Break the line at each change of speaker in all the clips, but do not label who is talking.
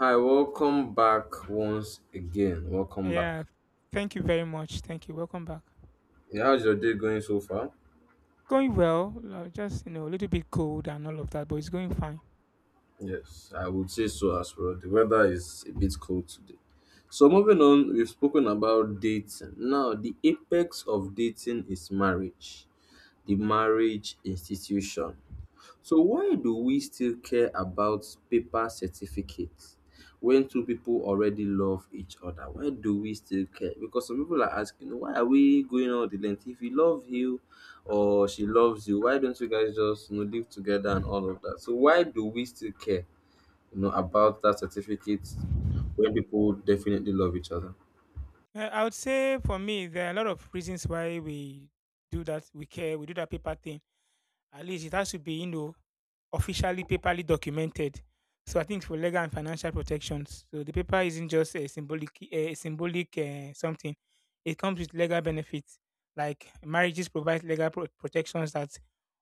Hi, welcome back once again. Welcome back.
Yeah, thank you very much. Thank you. Welcome back.
Yeah, how's your day going so far?
Going well, just you know, a little bit cold and all of that, but it's going fine.
Yes, I would say so as well. The weather is a bit cold today. So, moving on, we've spoken about dating. Now, the apex of dating is marriage, the marriage institution. So why do we still care about paper certificates when two people already love each other? Why do we still care? Because some people are asking, why are we going all the length? If he loves you or she loves you, why don't you guys just live together and all of that? So why do we still care, about that certificate when people definitely love each other?
I would say for me, there are a lot of reasons why we do that. We care. We do that paper thing. At least it has to be, you know, officially paperly documented. So I think for legal and financial protections, so the paper isn't just a symbolic something. It comes with legal benefits, like marriages provide legal protections that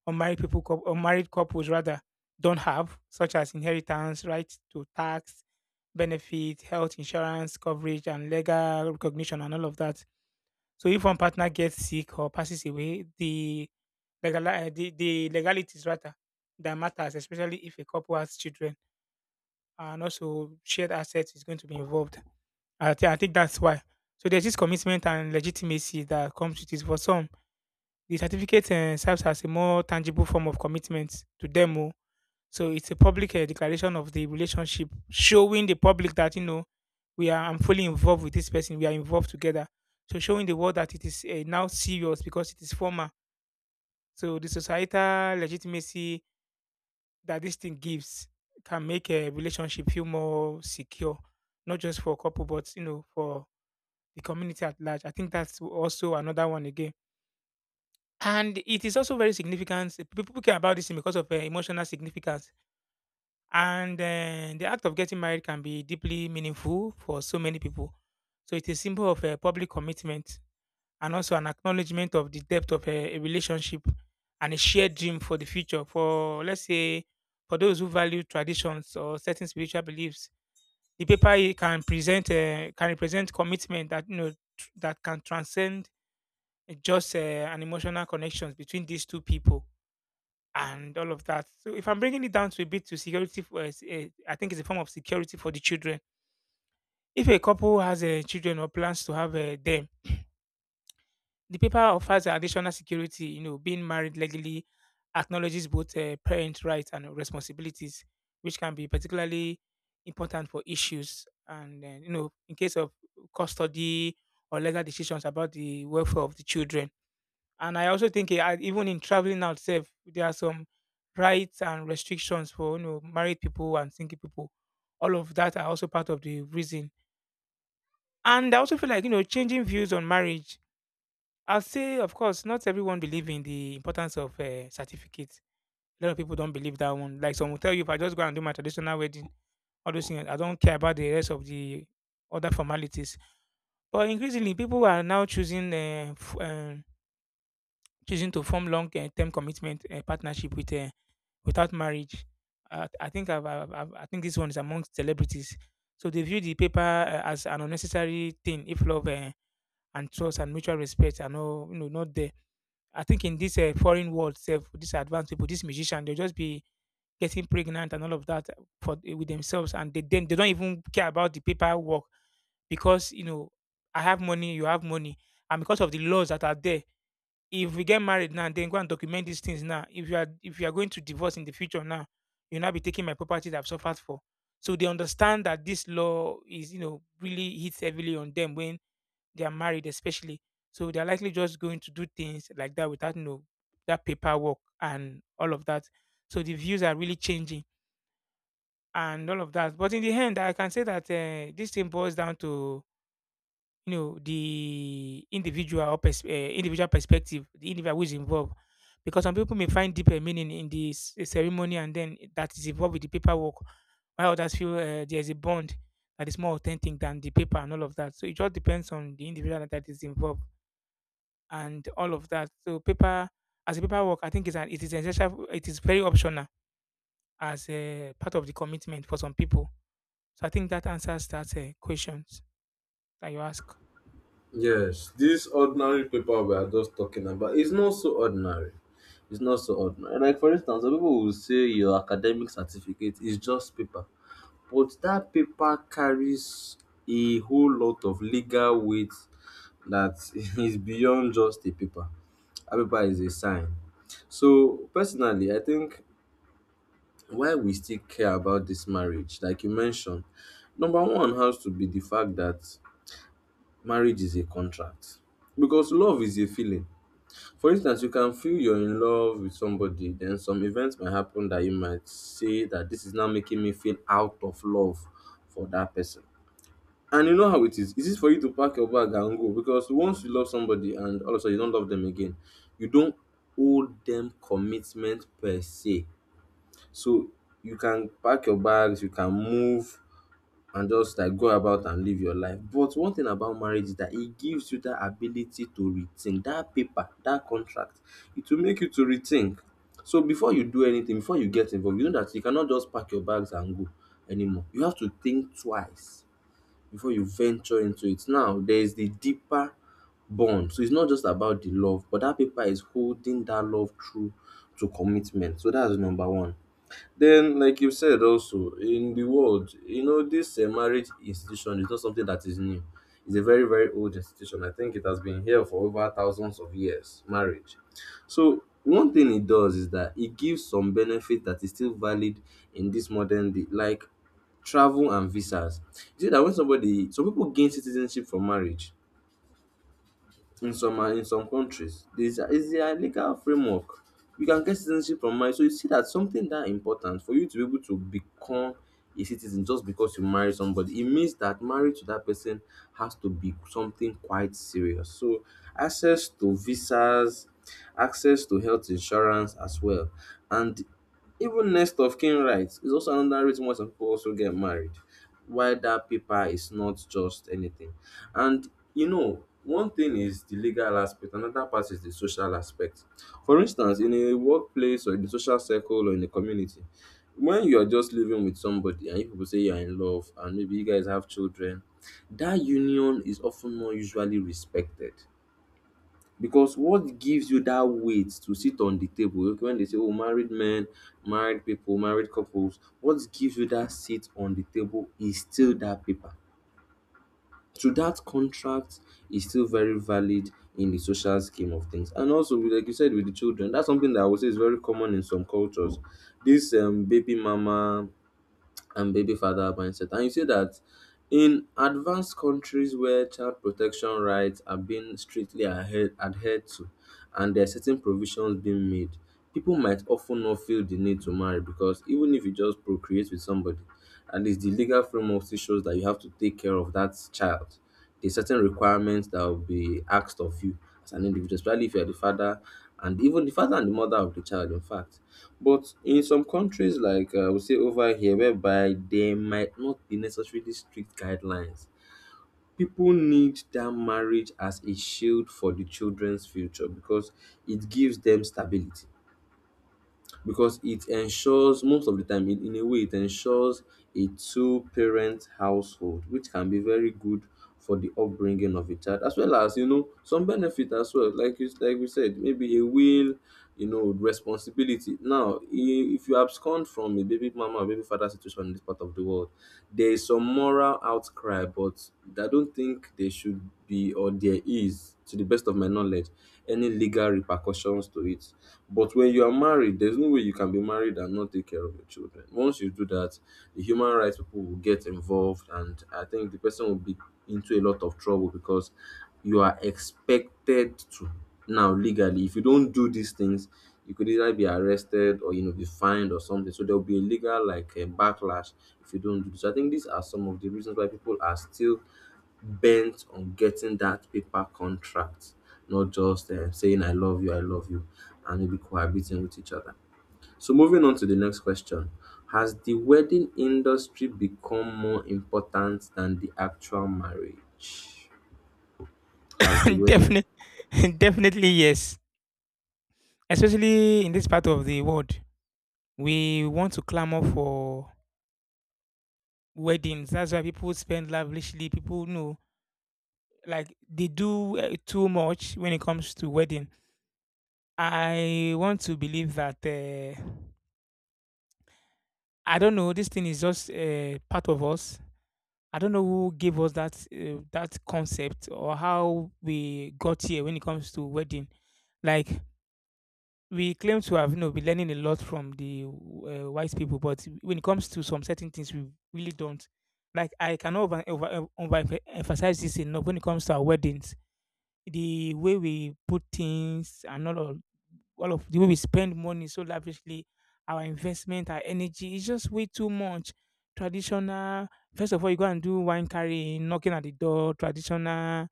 unmarried people, unmarried couples rather, don't have, such as inheritance, right to tax, benefit, health insurance coverage, and legal recognition, and all of that. So if one partner gets sick or passes away, the the legalities rather that matters, especially if a couple has children and also shared assets is going to be involved. I think that's why. So there's this commitment and legitimacy that comes with it. For some, the certificate serves as a more tangible form of commitment to them. Oh. So it's a public declaration of the relationship, showing the public that you know we are I'm fully involved with this person. We are involved together. So showing the world that it is now serious because it is formal. So the societal legitimacy that this thing gives can make a relationship feel more secure, not just for a couple, but you know, for the community at large. I think that's also another one again. And it is also very significant. People care about this thing because of emotional significance. And the act of getting married can be deeply meaningful for so many people. So it is a symbol of a public commitment and also an acknowledgement of the depth of a relationship and a shared dream for the future. For let's say, for those who value traditions or certain spiritual beliefs, the paper can present can represent commitment that you know that can transcend just an emotional connections between these two people and all of that. So if I'm bringing it down to a bit to security, for, I think it's a form of security for the children. If a couple has children or plans to have them, the paper offers additional security. You know, being married legally acknowledges both parent rights and responsibilities, which can be particularly important for issues and you know, in case of custody or legal decisions about the welfare of the children. And I also think even in traveling out self, there are some rights and restrictions for you know married people and single people. All of that are also part of the reason. And I also feel like you know changing views on marriage. I'll say, of course, not everyone believe in the importance of certificates. A lot of people don't believe that one. Like some will tell you, if I just go and do my traditional wedding, all those things, I don't care about the rest of the other formalities. But increasingly, people are now choosing choosing to form long-term commitment partnership without marriage. I think I've, I think this one is amongst celebrities. So they view the paper as an unnecessary thing if love and trust and mutual respect are no, you know, not there. I think in this foreign world, self, these advanced people, this musician, they'll just be getting pregnant and all of that for with themselves, and they then they don't even care about the paperwork because you know I have money, you have money, and because of the laws that are there, if we get married now, then go and document these things now. If you are going to divorce in the future now, you'll not be taking my property that I've suffered for. So they understand that this law is, you know, really hits heavily on them when they are married, especially. So they're likely just going to do things like that without you know that paperwork and all of that. So the views are really changing and all of that. But in the end, I can say that this thing boils down to you know the individual or individual perspective, the individual who is involved. Because some people may find deeper meaning in this ceremony and then that is involved with the paperwork, while others feel there is a bond that is more authentic than the paper and all of that. So it just depends on the individual that is involved and all of that. So paper as a paperwork, I think is an it is essential. It is very optional as a part of the commitment for some people. So I think that answers that questions that you ask.
Yes, this ordinary paper we are just talking about is not so ordinary. It's not so ordinary. Like for instance, some people will say your academic certificate is just paper, but that paper carries a whole lot of legal weight that is beyond just a paper. A paper is a sign. So personally, I think why we still care about this marriage, like you mentioned, number one has to be the fact that marriage is a contract because love is a feeling. For instance, you can feel you're in love with somebody, then some events might happen that you might say that this is now making me feel out of love for that person. And you know how it is. It is for you to pack your bag and go, because once you love somebody and all of a sudden you don't love them again, you don't owe them commitment per se. So you can pack your bags, you can move and just like go about and live your life. But one thing about marriage is that it gives you that ability to rethink that paper, that contract. It will make you to rethink. So before you do anything, before you get involved, you know that you cannot just pack your bags and go anymore. You have to think twice before you venture into it. Now there is the deeper bond. So it's not just about the love, but that paper is holding that love true to commitment. So that's number one. Then, like you said, also in the world, this marriage institution is not something that is new. It's a very, very old institution. I think it has been here for over thousands of years. Marriage. So one thing it does is that it gives some benefit that is still valid in this modern day, like travel and visas. You see that when somebody, some people gain citizenship from marriage in some countries. There is a legal framework. You can get citizenship from marriage, so you see that something that important for you to be able to become a citizen just because you marry somebody, it means that marriage to that person has to be something quite serious. So access to visas, access to health insurance as well, and even next of kin rights is also another reason why some people also get married. Why that paper is not just anything. And one thing is the legal aspect, another part is the social aspect. For instance, in a workplace or in the social circle or in the community, when you are just living with somebody and you people say you are in love and maybe you guys have children, that union is often not usually respected. Because what gives you that weight to sit on the table? Okay, when they say, oh, married men, married people, married couples, what gives you that seat on the table is still that paper. So that contract is still very valid in the social scheme of things. And also, like you said, with the children, that's something that I would say is very common in some cultures. This baby mama and baby father mindset. And you see that in advanced countries where child protection rights are being strictly adhered to, and there are certain provisions being made, people might often not feel the need to marry, because even if you just procreate with somebody, at least the legal framework still shows that you have to take care of that child. There's certain requirements that will be asked of you as an individual, especially if you're the father, and even the father and the mother of the child, in fact. But in some countries, like we say over here, whereby there might not be necessarily strict guidelines, people need that marriage as a shield for the children's future, because it gives them stability, because it ensures most of the time, in a way it ensures a two parent household, which can be very good for the upbringing of a child, as well as some benefit as well, like you like we said, maybe a will, responsibility. Now, if you abscond from a baby mama or baby father situation in this part of the world, there is some moral outcry, but I don't think there should be, or there is, to the best of my knowledge, any legal repercussions to it. But when you are married, there's no way you can be married and not take care of your children. Once you do that, the human rights people will get involved, and I think the person will be into a lot of trouble, because you are expected to now legally. If you don't do these things, you could either be arrested or be fined or something. So there will be a legal, like a backlash if you don't do this. So I think these are some of the reasons why people are still bent on getting that paper contract, not just saying I love you, and maybe cohabiting with each other. So moving on to the next question. Has the wedding industry become more important than the actual marriage? Has the wedding
Definitely, definitely yes. Especially in this part of the world, we want to clamor for weddings. That's why people spend lavishly. People know, like they do too much when it comes to wedding. I want to believe that I don't know. This thing is just part of us. I don't know who gave us that that concept or how we got here when it comes to wedding. Like we claim to have you know, been learning a lot from the wise people, but when it comes to some certain things, we really don't. Like I cannot over emphasize this enough when it comes to our weddings. The way we put things and all of the way we spend money so lavishly, our investment, our energy is just way too much. Traditional, first of all, you go and do wine carrying, knocking at the door, traditional,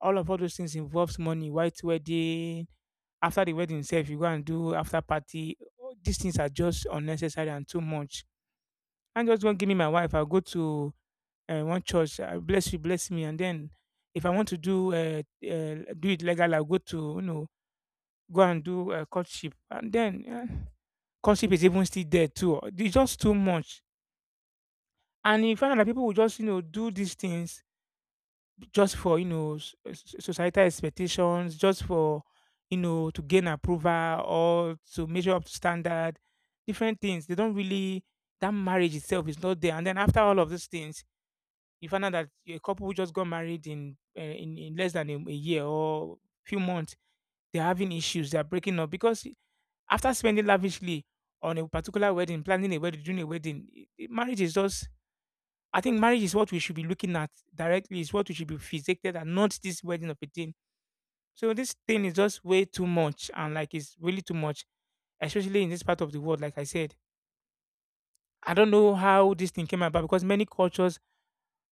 all those things involves money, white wedding, after the wedding itself, you go and do after party. All these things are just unnecessary and too much. I'm just going to give me my wife. I'll go to one church. Bless you, bless me. And then if I want to do do it legal, I'll go to, you know, go and do courtship. And then courtship is even still there too. It's just too much. And you find out that people will just, you know, do these things just for you know societal expectations, just for you know to gain approval or to measure up to standard, different things. They don't really that marriage itself is not there. And then after all of these things, you find out that a couple who just got married in in less than a year or few months, they're having issues. They're breaking up because after spending lavishly on a particular wedding, planning a wedding, doing a wedding, marriage is just I think marriage is what we should be looking at directly. Is what we should be fixated and not this wedding of a thing. So this thing is just way too much, and like it's really too much, especially in this part of the world. Like I said, I don't know how this thing came about because many cultures,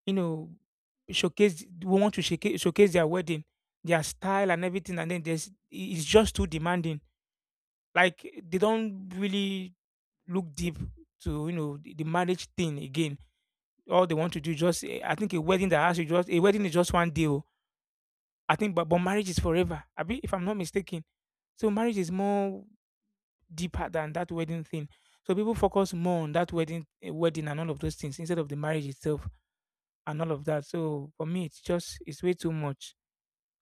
you know, showcase want to showcase their wedding, their style and everything, and then there's it's just too demanding. Like they don't really look deep to you know the marriage thing again. All they want to do is just I think a wedding that has to just a wedding is just one day. Oh I think, but, marriage is forever. I be, if I'm not mistaken, so marriage is more deeper than that wedding thing. So people focus more on that wedding, wedding and all of those things instead of the marriage itself and all of that. So for me, it's just it's way too much.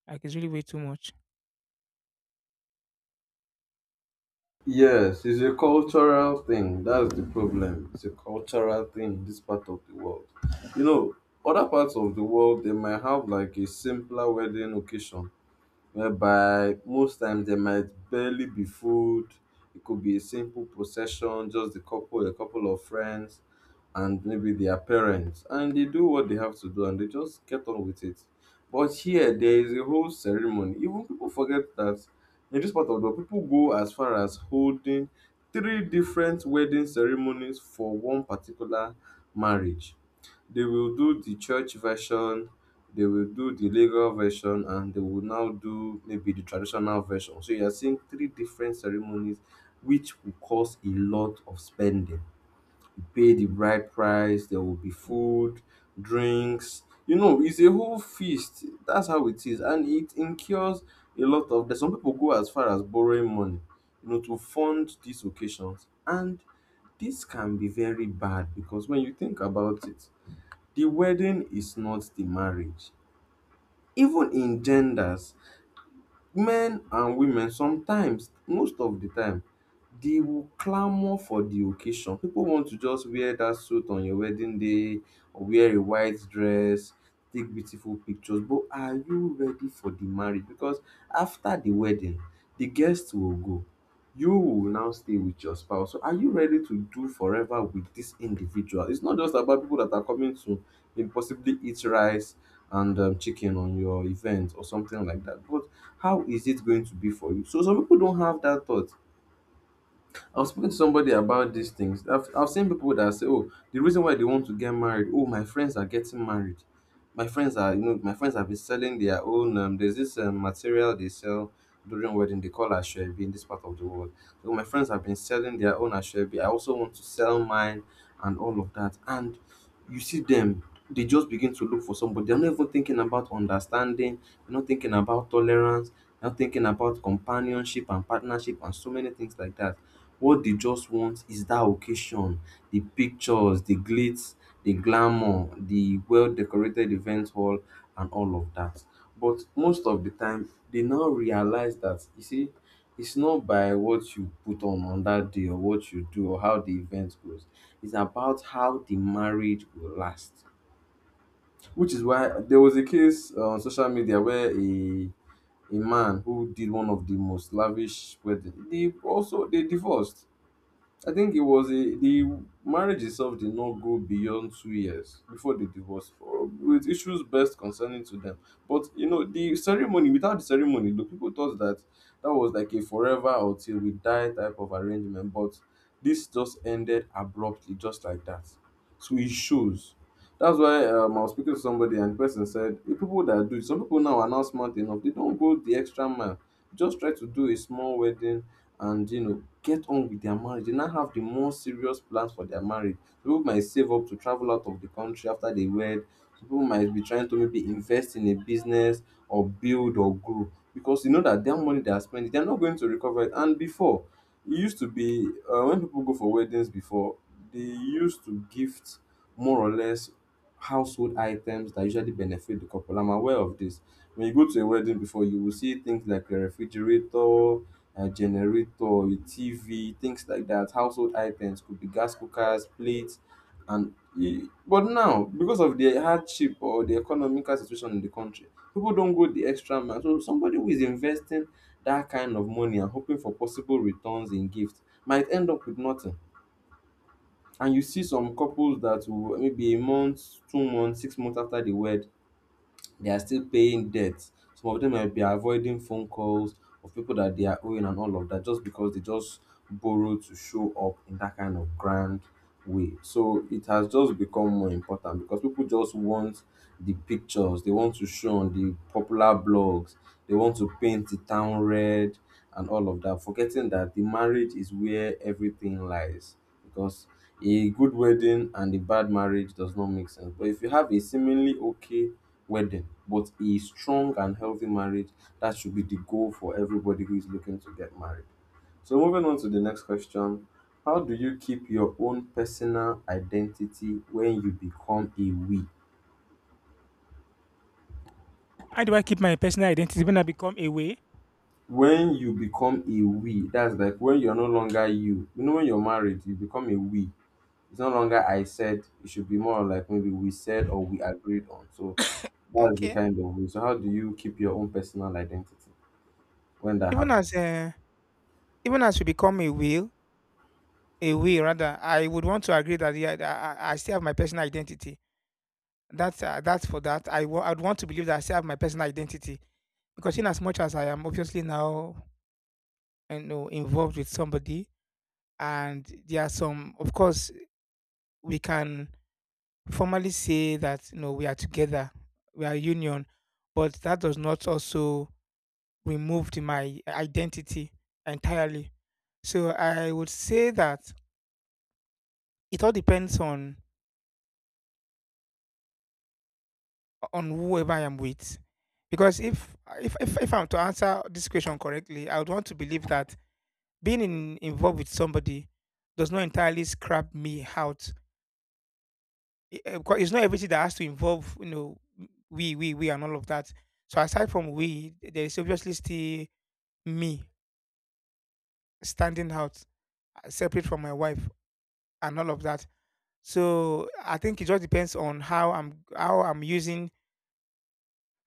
Like it's really way too much.
Yes, it's a cultural thing. That's the problem. It's a cultural thing in this part of the world. You know, other parts of the world, they might have like a simpler wedding occasion, whereby most times there might barely be food. It could be a simple procession, just a couple of friends, and maybe their parents, and they do what they have to do, and they just get on with it. But here, there is a whole ceremony. Even people forget that in this part of the world, people go as far as holding three different wedding ceremonies for one particular marriage. They will do the church version, they will do the legal version, and they will now do maybe the traditional version. So you're seeing three different ceremonies, which will cause a lot of spending. You pay the bride price, there will be food, drinks. You know, it's a whole feast. That's how it is. And it incurs a lot of debt. Some people go as far as borrowing money, to fund these occasions. And this can be very bad because when you think about it, the wedding is not the marriage. Even in genders, men and women, sometimes, most of the time, they will clamor for the occasion. People want to just wear that suit on your wedding day or wear a white dress, take beautiful pictures, but are you ready for the marriage? Because after the wedding, the guests will go. You will now stay with your spouse. So are you ready to do forever with this individual? It's not just about people that are coming to maybe possibly eat rice and chicken on your event or something like that. But how is it going to be for you? So some people don't have that thought. I was speaking to somebody about these things. I've seen people that say, "Oh, the reason why they want to get married. Oh, my friends are getting married. My friends are, you know, my friends have been selling their own. There's this material they sell during wedding. They call ashwebi in this part of the world. So my friends have been selling their own ashwebi. I also want to sell mine and all of that. And you see them." They just begin to look for somebody. They're not even thinking about understanding. They're not thinking about tolerance. They're not thinking about companionship and partnership and so many things like that. What they just want is that occasion, the pictures, the glitz, the glamour, the well-decorated event hall and all of that. But most of the time, they now realize that, you see, it's not by what you put on that day or what you do or how the event goes. It's about how the marriage will last. Which is why there was a case on social media where a man who did one of the most lavish wedding, they also they divorced. I think it was a the marriage itself did not go beyond 2 years before the divorce, with issues best concerning to them. But you know the ceremony without the ceremony, the people thought that that was like a forever or till we die type of arrangement. But this just ended abruptly, just like that. So it shows. That's why I was speaking to somebody and the person said, the people that do it, some people now are not smart enough. They don't go the extra mile. Just try to do a small wedding and get on with their marriage. They now have the more serious plans for their marriage. So people might save up to travel out of the country after they wed. Some people might be trying to maybe invest in a business or build or grow because you know that their money they are spending, they're not going to recover it. And before, it used to be when people go for weddings before, they used to gift more or less household items that usually benefit the couple. I'm aware of this. When you go to a wedding before, you will see things like a refrigerator, a generator, a TV, things like that. Household items could be gas cookers, plates, but now because of the hardship or the economical situation in the country, people don't go the extra mile. So somebody who is investing that kind of money and hoping for possible returns in gifts might end up with nothing. And you see some couples that will maybe a month, 2 months, 6 months after the wed, they are still paying debts. Some of them might be avoiding phone calls of people that they are owing and all of that just because they just borrow to show up in that kind of grand way. So it has just become more important because people just want the pictures, they want to show on the popular blogs, they want to paint the town red and all of that, forgetting that the marriage is where everything lies. Because a good wedding and a bad marriage does not make sense. But if you have a seemingly okay wedding, but a strong and healthy marriage, that should be the goal for everybody who is looking to get married. So moving on to the next question, how do you keep your own personal identity when you become a we?
How do I keep my personal identity when I become away?
When you become a we, that's like when you're no longer you. You know, when you're married, you become a we. It's no longer I said. It should be more like maybe we said or we agreed on. So that's the
Okay.
kind of we. So how do you keep your own personal identity when that
Even as
happens?
uh, even as we become a will rather, I would want to agree that yeah, I still have my personal identity. That's for that. I'd want to believe that I still have my personal identity because in as much as I am obviously now you know involved with somebody, and there are some, of course, we can formally say that you know we are together, we are union, but that does not also remove my identity entirely. So I would say that it all depends on whoever I am with. Because if I'm to answer this question correctly, I would want to believe that involved with somebody does not entirely scrap me out. Because it's not everything that has to involve, we, and all of that. So aside from we, there is obviously still me standing out, separate from my wife, and all of that. So I think it just depends on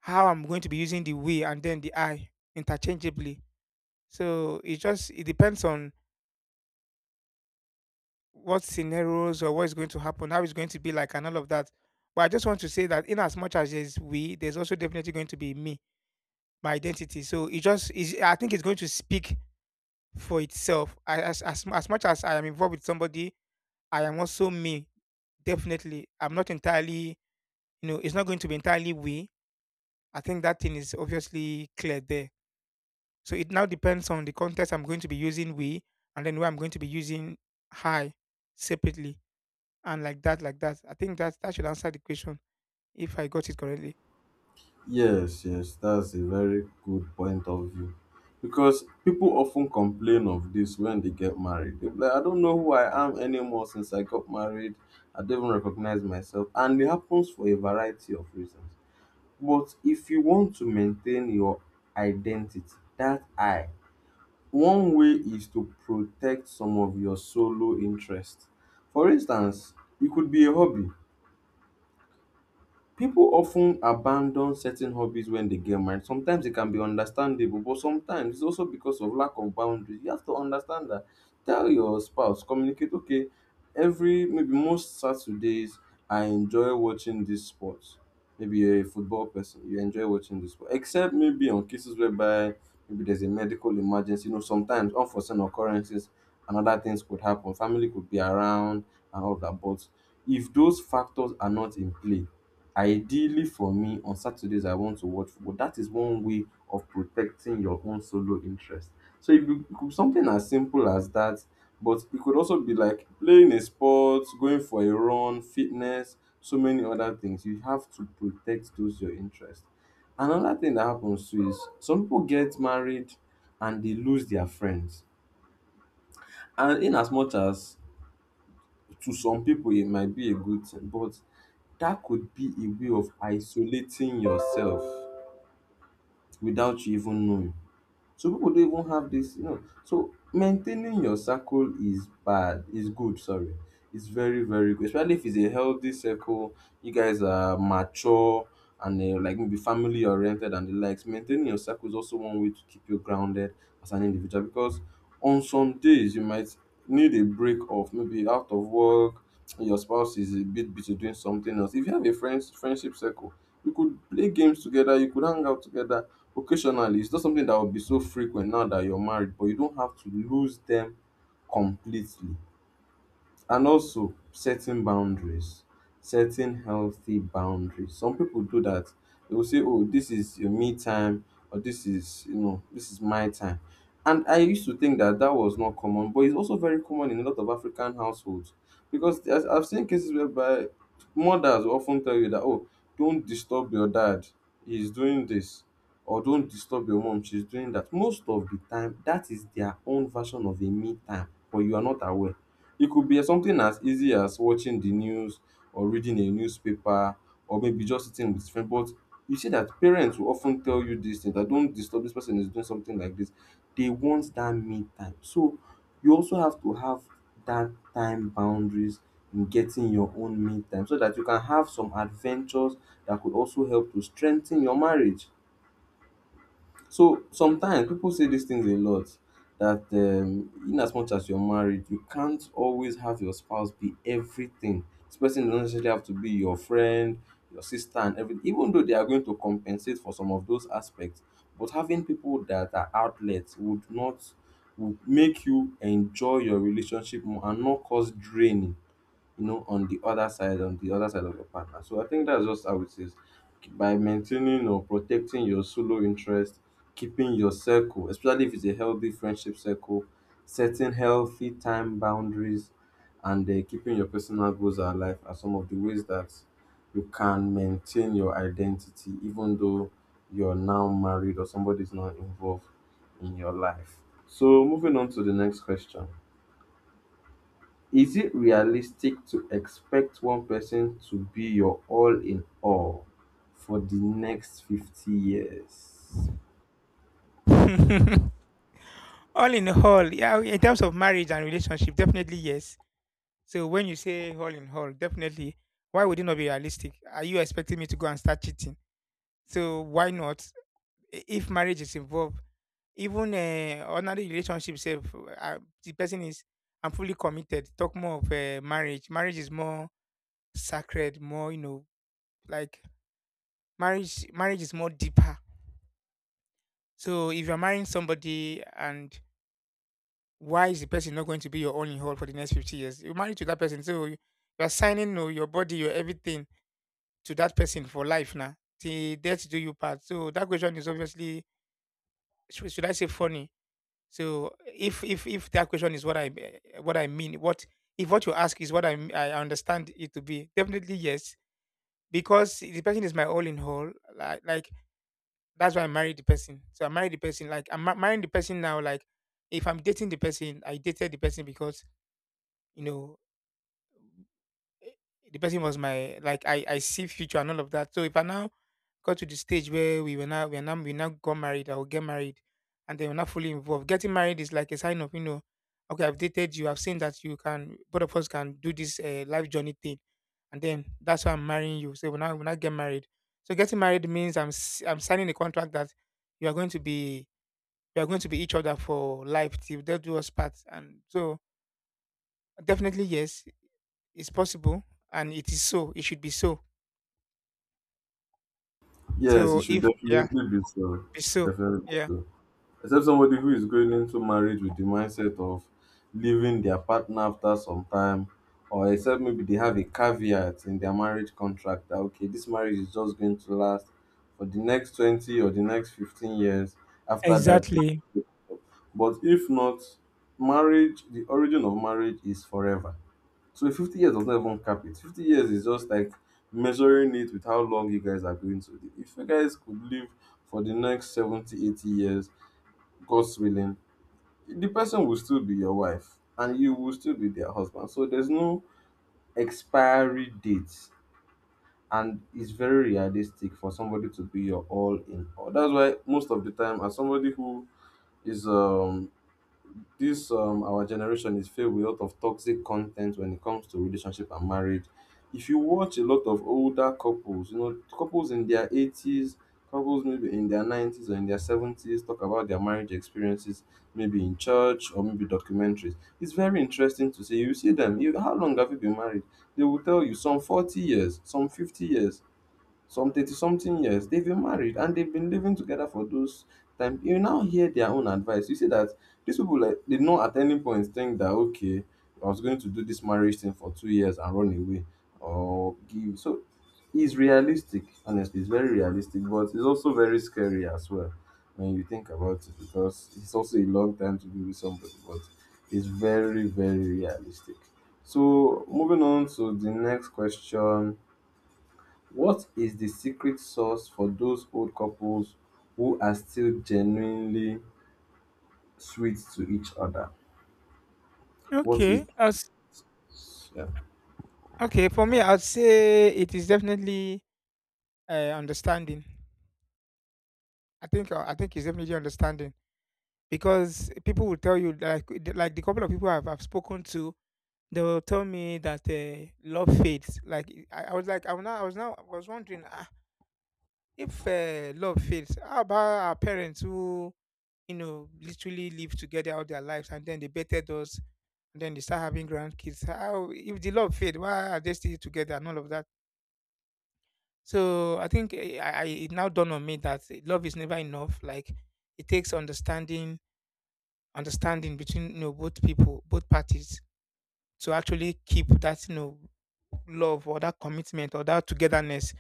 how I'm going to be using the we and then the I interchangeably. So it depends on what scenarios or what is going to happen, how it's going to be like, and all of that. But I just want to say that in as much as there's we, there's also definitely going to be me, my identity. So it just is. I think it's going to speak for itself. I, as much as I am involved with somebody, I am also me. Definitely, I'm not entirely. You know, it's not going to be entirely we. I think that thing is obviously clear there. So it now depends on the context I'm going to be using we and then where I'm going to be using hi separately, and like that, like that. I think that that should answer the question if I got it correctly.
Yes, yes, that's a very good point of view. Because people often complain of this when they get married. They'll like, I don't know who I am anymore since I got married. I don't even recognize myself. And it happens for a variety of reasons. But if you want to maintain your identity, that I, one way is to protect some of your solo interests. For instance, it could be a hobby. People often abandon certain hobbies when they get married. Sometimes it can be understandable, but sometimes it's also because of lack of boundaries. You have to understand that. Tell your spouse, communicate, okay, every maybe most Saturdays I enjoy watching this sport. Maybe you're a football person, you enjoy watching this sport. Except maybe on cases whereby maybe there's a medical emergency. You know, sometimes unforeseen occurrences and other things could happen. Family could be around and all that. But if those factors are not in play, ideally for me, on Saturdays I want to watch football. That is one way of protecting your own solo interest. So it could be something as simple as that, but it could also be like playing a sport, going for a run, fitness, so many other things. You have to protect those your interest. Another thing that happens too is some people get married and they lose their friends. And in as much as to some people it might be a good thing, but that could be a way of isolating yourself without you even knowing. So people don't even have this. So maintaining your circle is bad, is good, sorry. It's very, very good. Especially if it's a healthy circle, you guys are mature and like maybe family oriented and the likes. Maintaining your circle is also one way to keep you grounded as an individual because on some days you might need a break off, maybe out of work, your spouse is a bit busy doing something else. If you have a friendship circle, you could play games together, you could hang out together occasionally. It's not something that will be so frequent now that you're married, but you don't have to lose them completely. And also setting boundaries, setting healthy boundaries, some people do that. They will say, oh, this is your me time, or this is my time. And I used to think that that was not common, but it's also very common in a lot of African households, because I've seen cases whereby mothers will often tell you that, oh, don't disturb your dad, he's doing this, or don't disturb your mom, she's doing that. Most of the time, that is their own version of a me time, but you are not aware. It could be something as easy as watching the news or reading a newspaper or maybe just sitting with friends. But you see that parents will often tell you this thing, that don't disturb this person, is doing something like this. They want that me time. So you also have to have that time boundaries in getting your own me time so that you can have some adventures that could also help to strengthen your marriage. So sometimes people say these things a lot, that in as much as you're married, you can't always have your spouse be everything. This person doesn't necessarily have to be your friend, your sister, and everything, even though they are going to compensate for some of those aspects. But having people that are outlets would not would make you enjoy your relationship more and not cause draining on the other side of your partner. So I think that's just how it is. By maintaining or protecting your solo interest, keeping your circle, especially if it's a healthy friendship circle, setting healthy time boundaries, and keeping your personal goals alive are some of the ways that you can maintain your identity, even though you're now married or somebody's not involved in your life. So moving on to the next question. Is it realistic to expect one person to be your all in all for the next 50 years?
All in all, yeah, in terms of marriage and relationship, definitely yes. So when you say all in all, definitely, why would it not be realistic? Are you expecting me to go and start cheating? So why not? If marriage is involved, even ordinary relationship self, the person is I'm fully committed. Talk more of marriage. Marriage is more sacred, more you know, like Marriage is more deeper. So if you're marrying somebody, and why is the person not going to be your only whole for the next 50 years? You're married to that person, so you're signing, you know, your body, your everything to that person for life now. The death do you part. So that question is obviously, should I say funny? So if that question is what I eh, what I mean, what if what you ask is what I understand it to be, definitely yes, because the person is my all in all. Like that's why I married the person. So I married the person. Like marrying the person now. Like if I'm dating the person, I dated the person because you know eh, the person was my, like I see future and all of that. So if I now got to the stage where we were now we are now we now got married, I will get married, and they were not fully involved. Getting married is like a sign of, you know, okay, I've dated you, I've seen that you can both of us can do this life journey thing, and then that's why I'm marrying you. So when I get married, so getting married means I'm signing a contract that you are going to be we are going to be each other for life till they do us part, and so definitely yes, it's possible, and it is so. It should be so.
Yes, it
So
should
if yeah,
definitely be so. It
be
should
so.
definitely be
Yeah.
so. Except somebody who is going into marriage with the mindset of leaving their partner after some time, or except maybe they have a caveat in their marriage contract that, okay, this marriage is just going to last for the next 20 or the next 15 years. After that,
Exactly.
but if not, marriage, the origin of marriage is forever. So 50 years does not even cap it. 50 years is just like measuring it with how long you guys are going to live. If you guys could live for the next 70, 80 years, God's willing, the person will still be your wife and you will still be their husband. So there's no expiry date. And it's very realistic for somebody to be your all in all. That's why most of the time, as somebody who is this our generation is filled with a lot of toxic content when it comes to relationship and marriage. If you watch a lot of older couples you know couples in their 80s, couples maybe in their 90s or in their 70s, talk about their marriage experiences, maybe in church or maybe documentaries, it's very interesting to see. You see them, you, how long have you been married? They will tell you some 40 years, some 50 years, some 30 something years they've been married, and they've been living together for those time. You now hear their own advice. You see that these people, like, they not at any point think that, okay, I was going to do this marriage thing for 2 years and run away or give. So it's realistic, honestly. It's very realistic, but it's also very scary as well when you think about it, because it's also a long time to be with somebody. But it's very, very realistic. So moving on to the next question, what is the secret sauce for those old couples who are still genuinely sweet to each other? What is,
Okay. As
yeah.
okay. For me, I'd say it is definitely understanding. I think it's definitely understanding because people will tell you, like the couple of people I've spoken to, they will tell me that love fades. Like I was like I was now I was now I was wondering, ah, if love fades, how about our parents who, you know, literally live together all their lives, and then they bettered us, and then they start having grandkids. How if the love fade, why are they still together and all of that? So I think eh, I it now dawned on me that love is never enough. Like it takes understanding, understanding between, you know, both people, both parties to actually keep that, you know, love or that commitment or that togetherness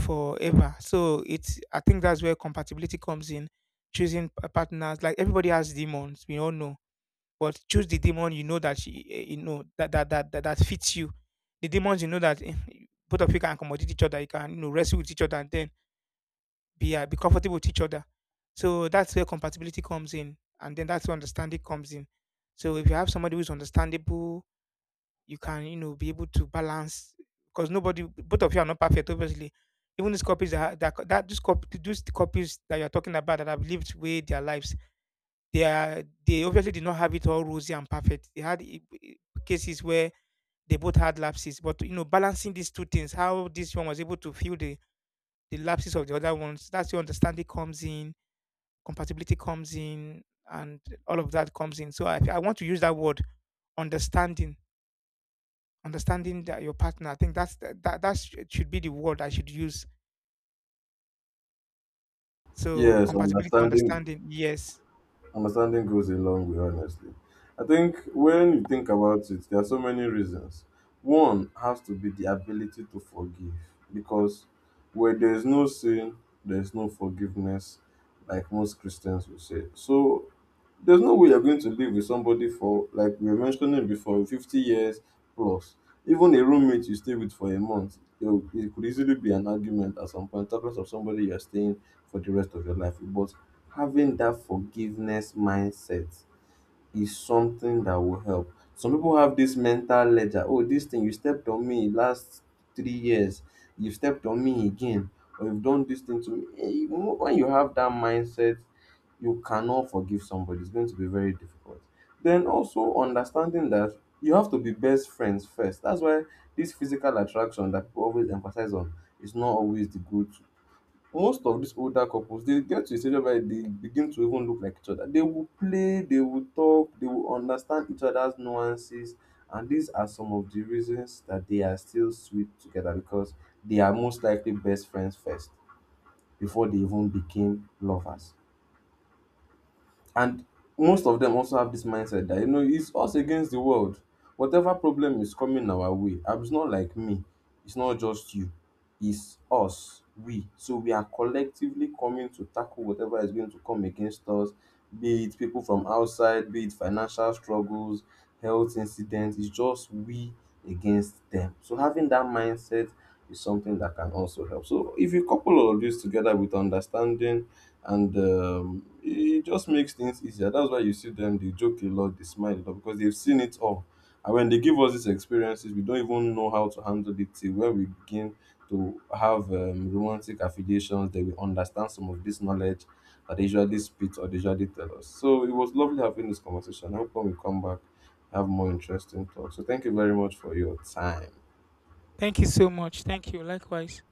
forever. So it's, I think that's where compatibility comes in. Choosing partners, like everybody has demons, we all know, but choose the demon you know you know that that fits you. The demons you know that both of you can accommodate each other. You can, you know, wrestle with each other and then be comfortable with each other. So that's where compatibility comes in, and then that's where understanding comes in. So if you have somebody who's understandable, you can, you know, be able to balance because nobody both of you are not perfect obviously. Even these copies that these copies that you're talking about that have lived way their lives, they are they obviously did not have it all rosy and perfect. They had cases where they both had lapses, but you know, balancing these two things, how this one was able to fill the lapses of the other ones, that's where understanding comes in, compatibility comes in, and all of that comes in. So I want to use that word understanding, understanding that your partner. I think that's that should be the word I should use. So
Yes,
compatibility,
understanding
understanding, yes.
Understanding goes a long way, honestly. I think when you think about it, there are so many reasons. One has to be the ability to forgive, because where there is no sin, there is no forgiveness, like most Christians will say. So there's no way you're going to live with somebody for, like we were mentioning before, 50 years plus. Even a roommate you stay with for a month, it could easily be an argument at some point, talking of somebody you're staying for the rest of your life with. But having that forgiveness mindset is something that will help. Some people have this mental ledger. Oh, this thing you stepped on me last 3 years. You've stepped on me again, or you've done this thing to me. When you have that mindset, you cannot forgive somebody. It's going to be very difficult. Then also understanding that you have to be best friends first. That's why this physical attraction that people always emphasize on is not always the good. Most of these older couples, they get to a stage whereby they begin to even look like each other. They will play, they will talk, they will understand each other's nuances. And these are some of the reasons that they are still sweet together, because they are most likely best friends first before they even became lovers. And most of them also have this mindset that, you know, it's us against the world. Whatever problem is coming our way, ah, it's not like me, it's not just you, it's us, we. So we are collectively coming to tackle whatever is going to come against us, be it people from outside, be it financial struggles, health incidents. It's just we against them. So having that mindset is something that can also help. So if you couple all of this together with understanding, and it just makes things easier. That's why you see them, they joke a lot, they smile a lot, because they've seen it all. And when they give us these experiences, we don't even know how to handle it till where we begin to have romantic affiliations. They will understand some of this knowledge that they usually spit or they usually tell us. So it was lovely having this conversation. I hope when we come back, have more interesting talk. So thank you very much for your time.
Thank you so much. Thank you. Likewise.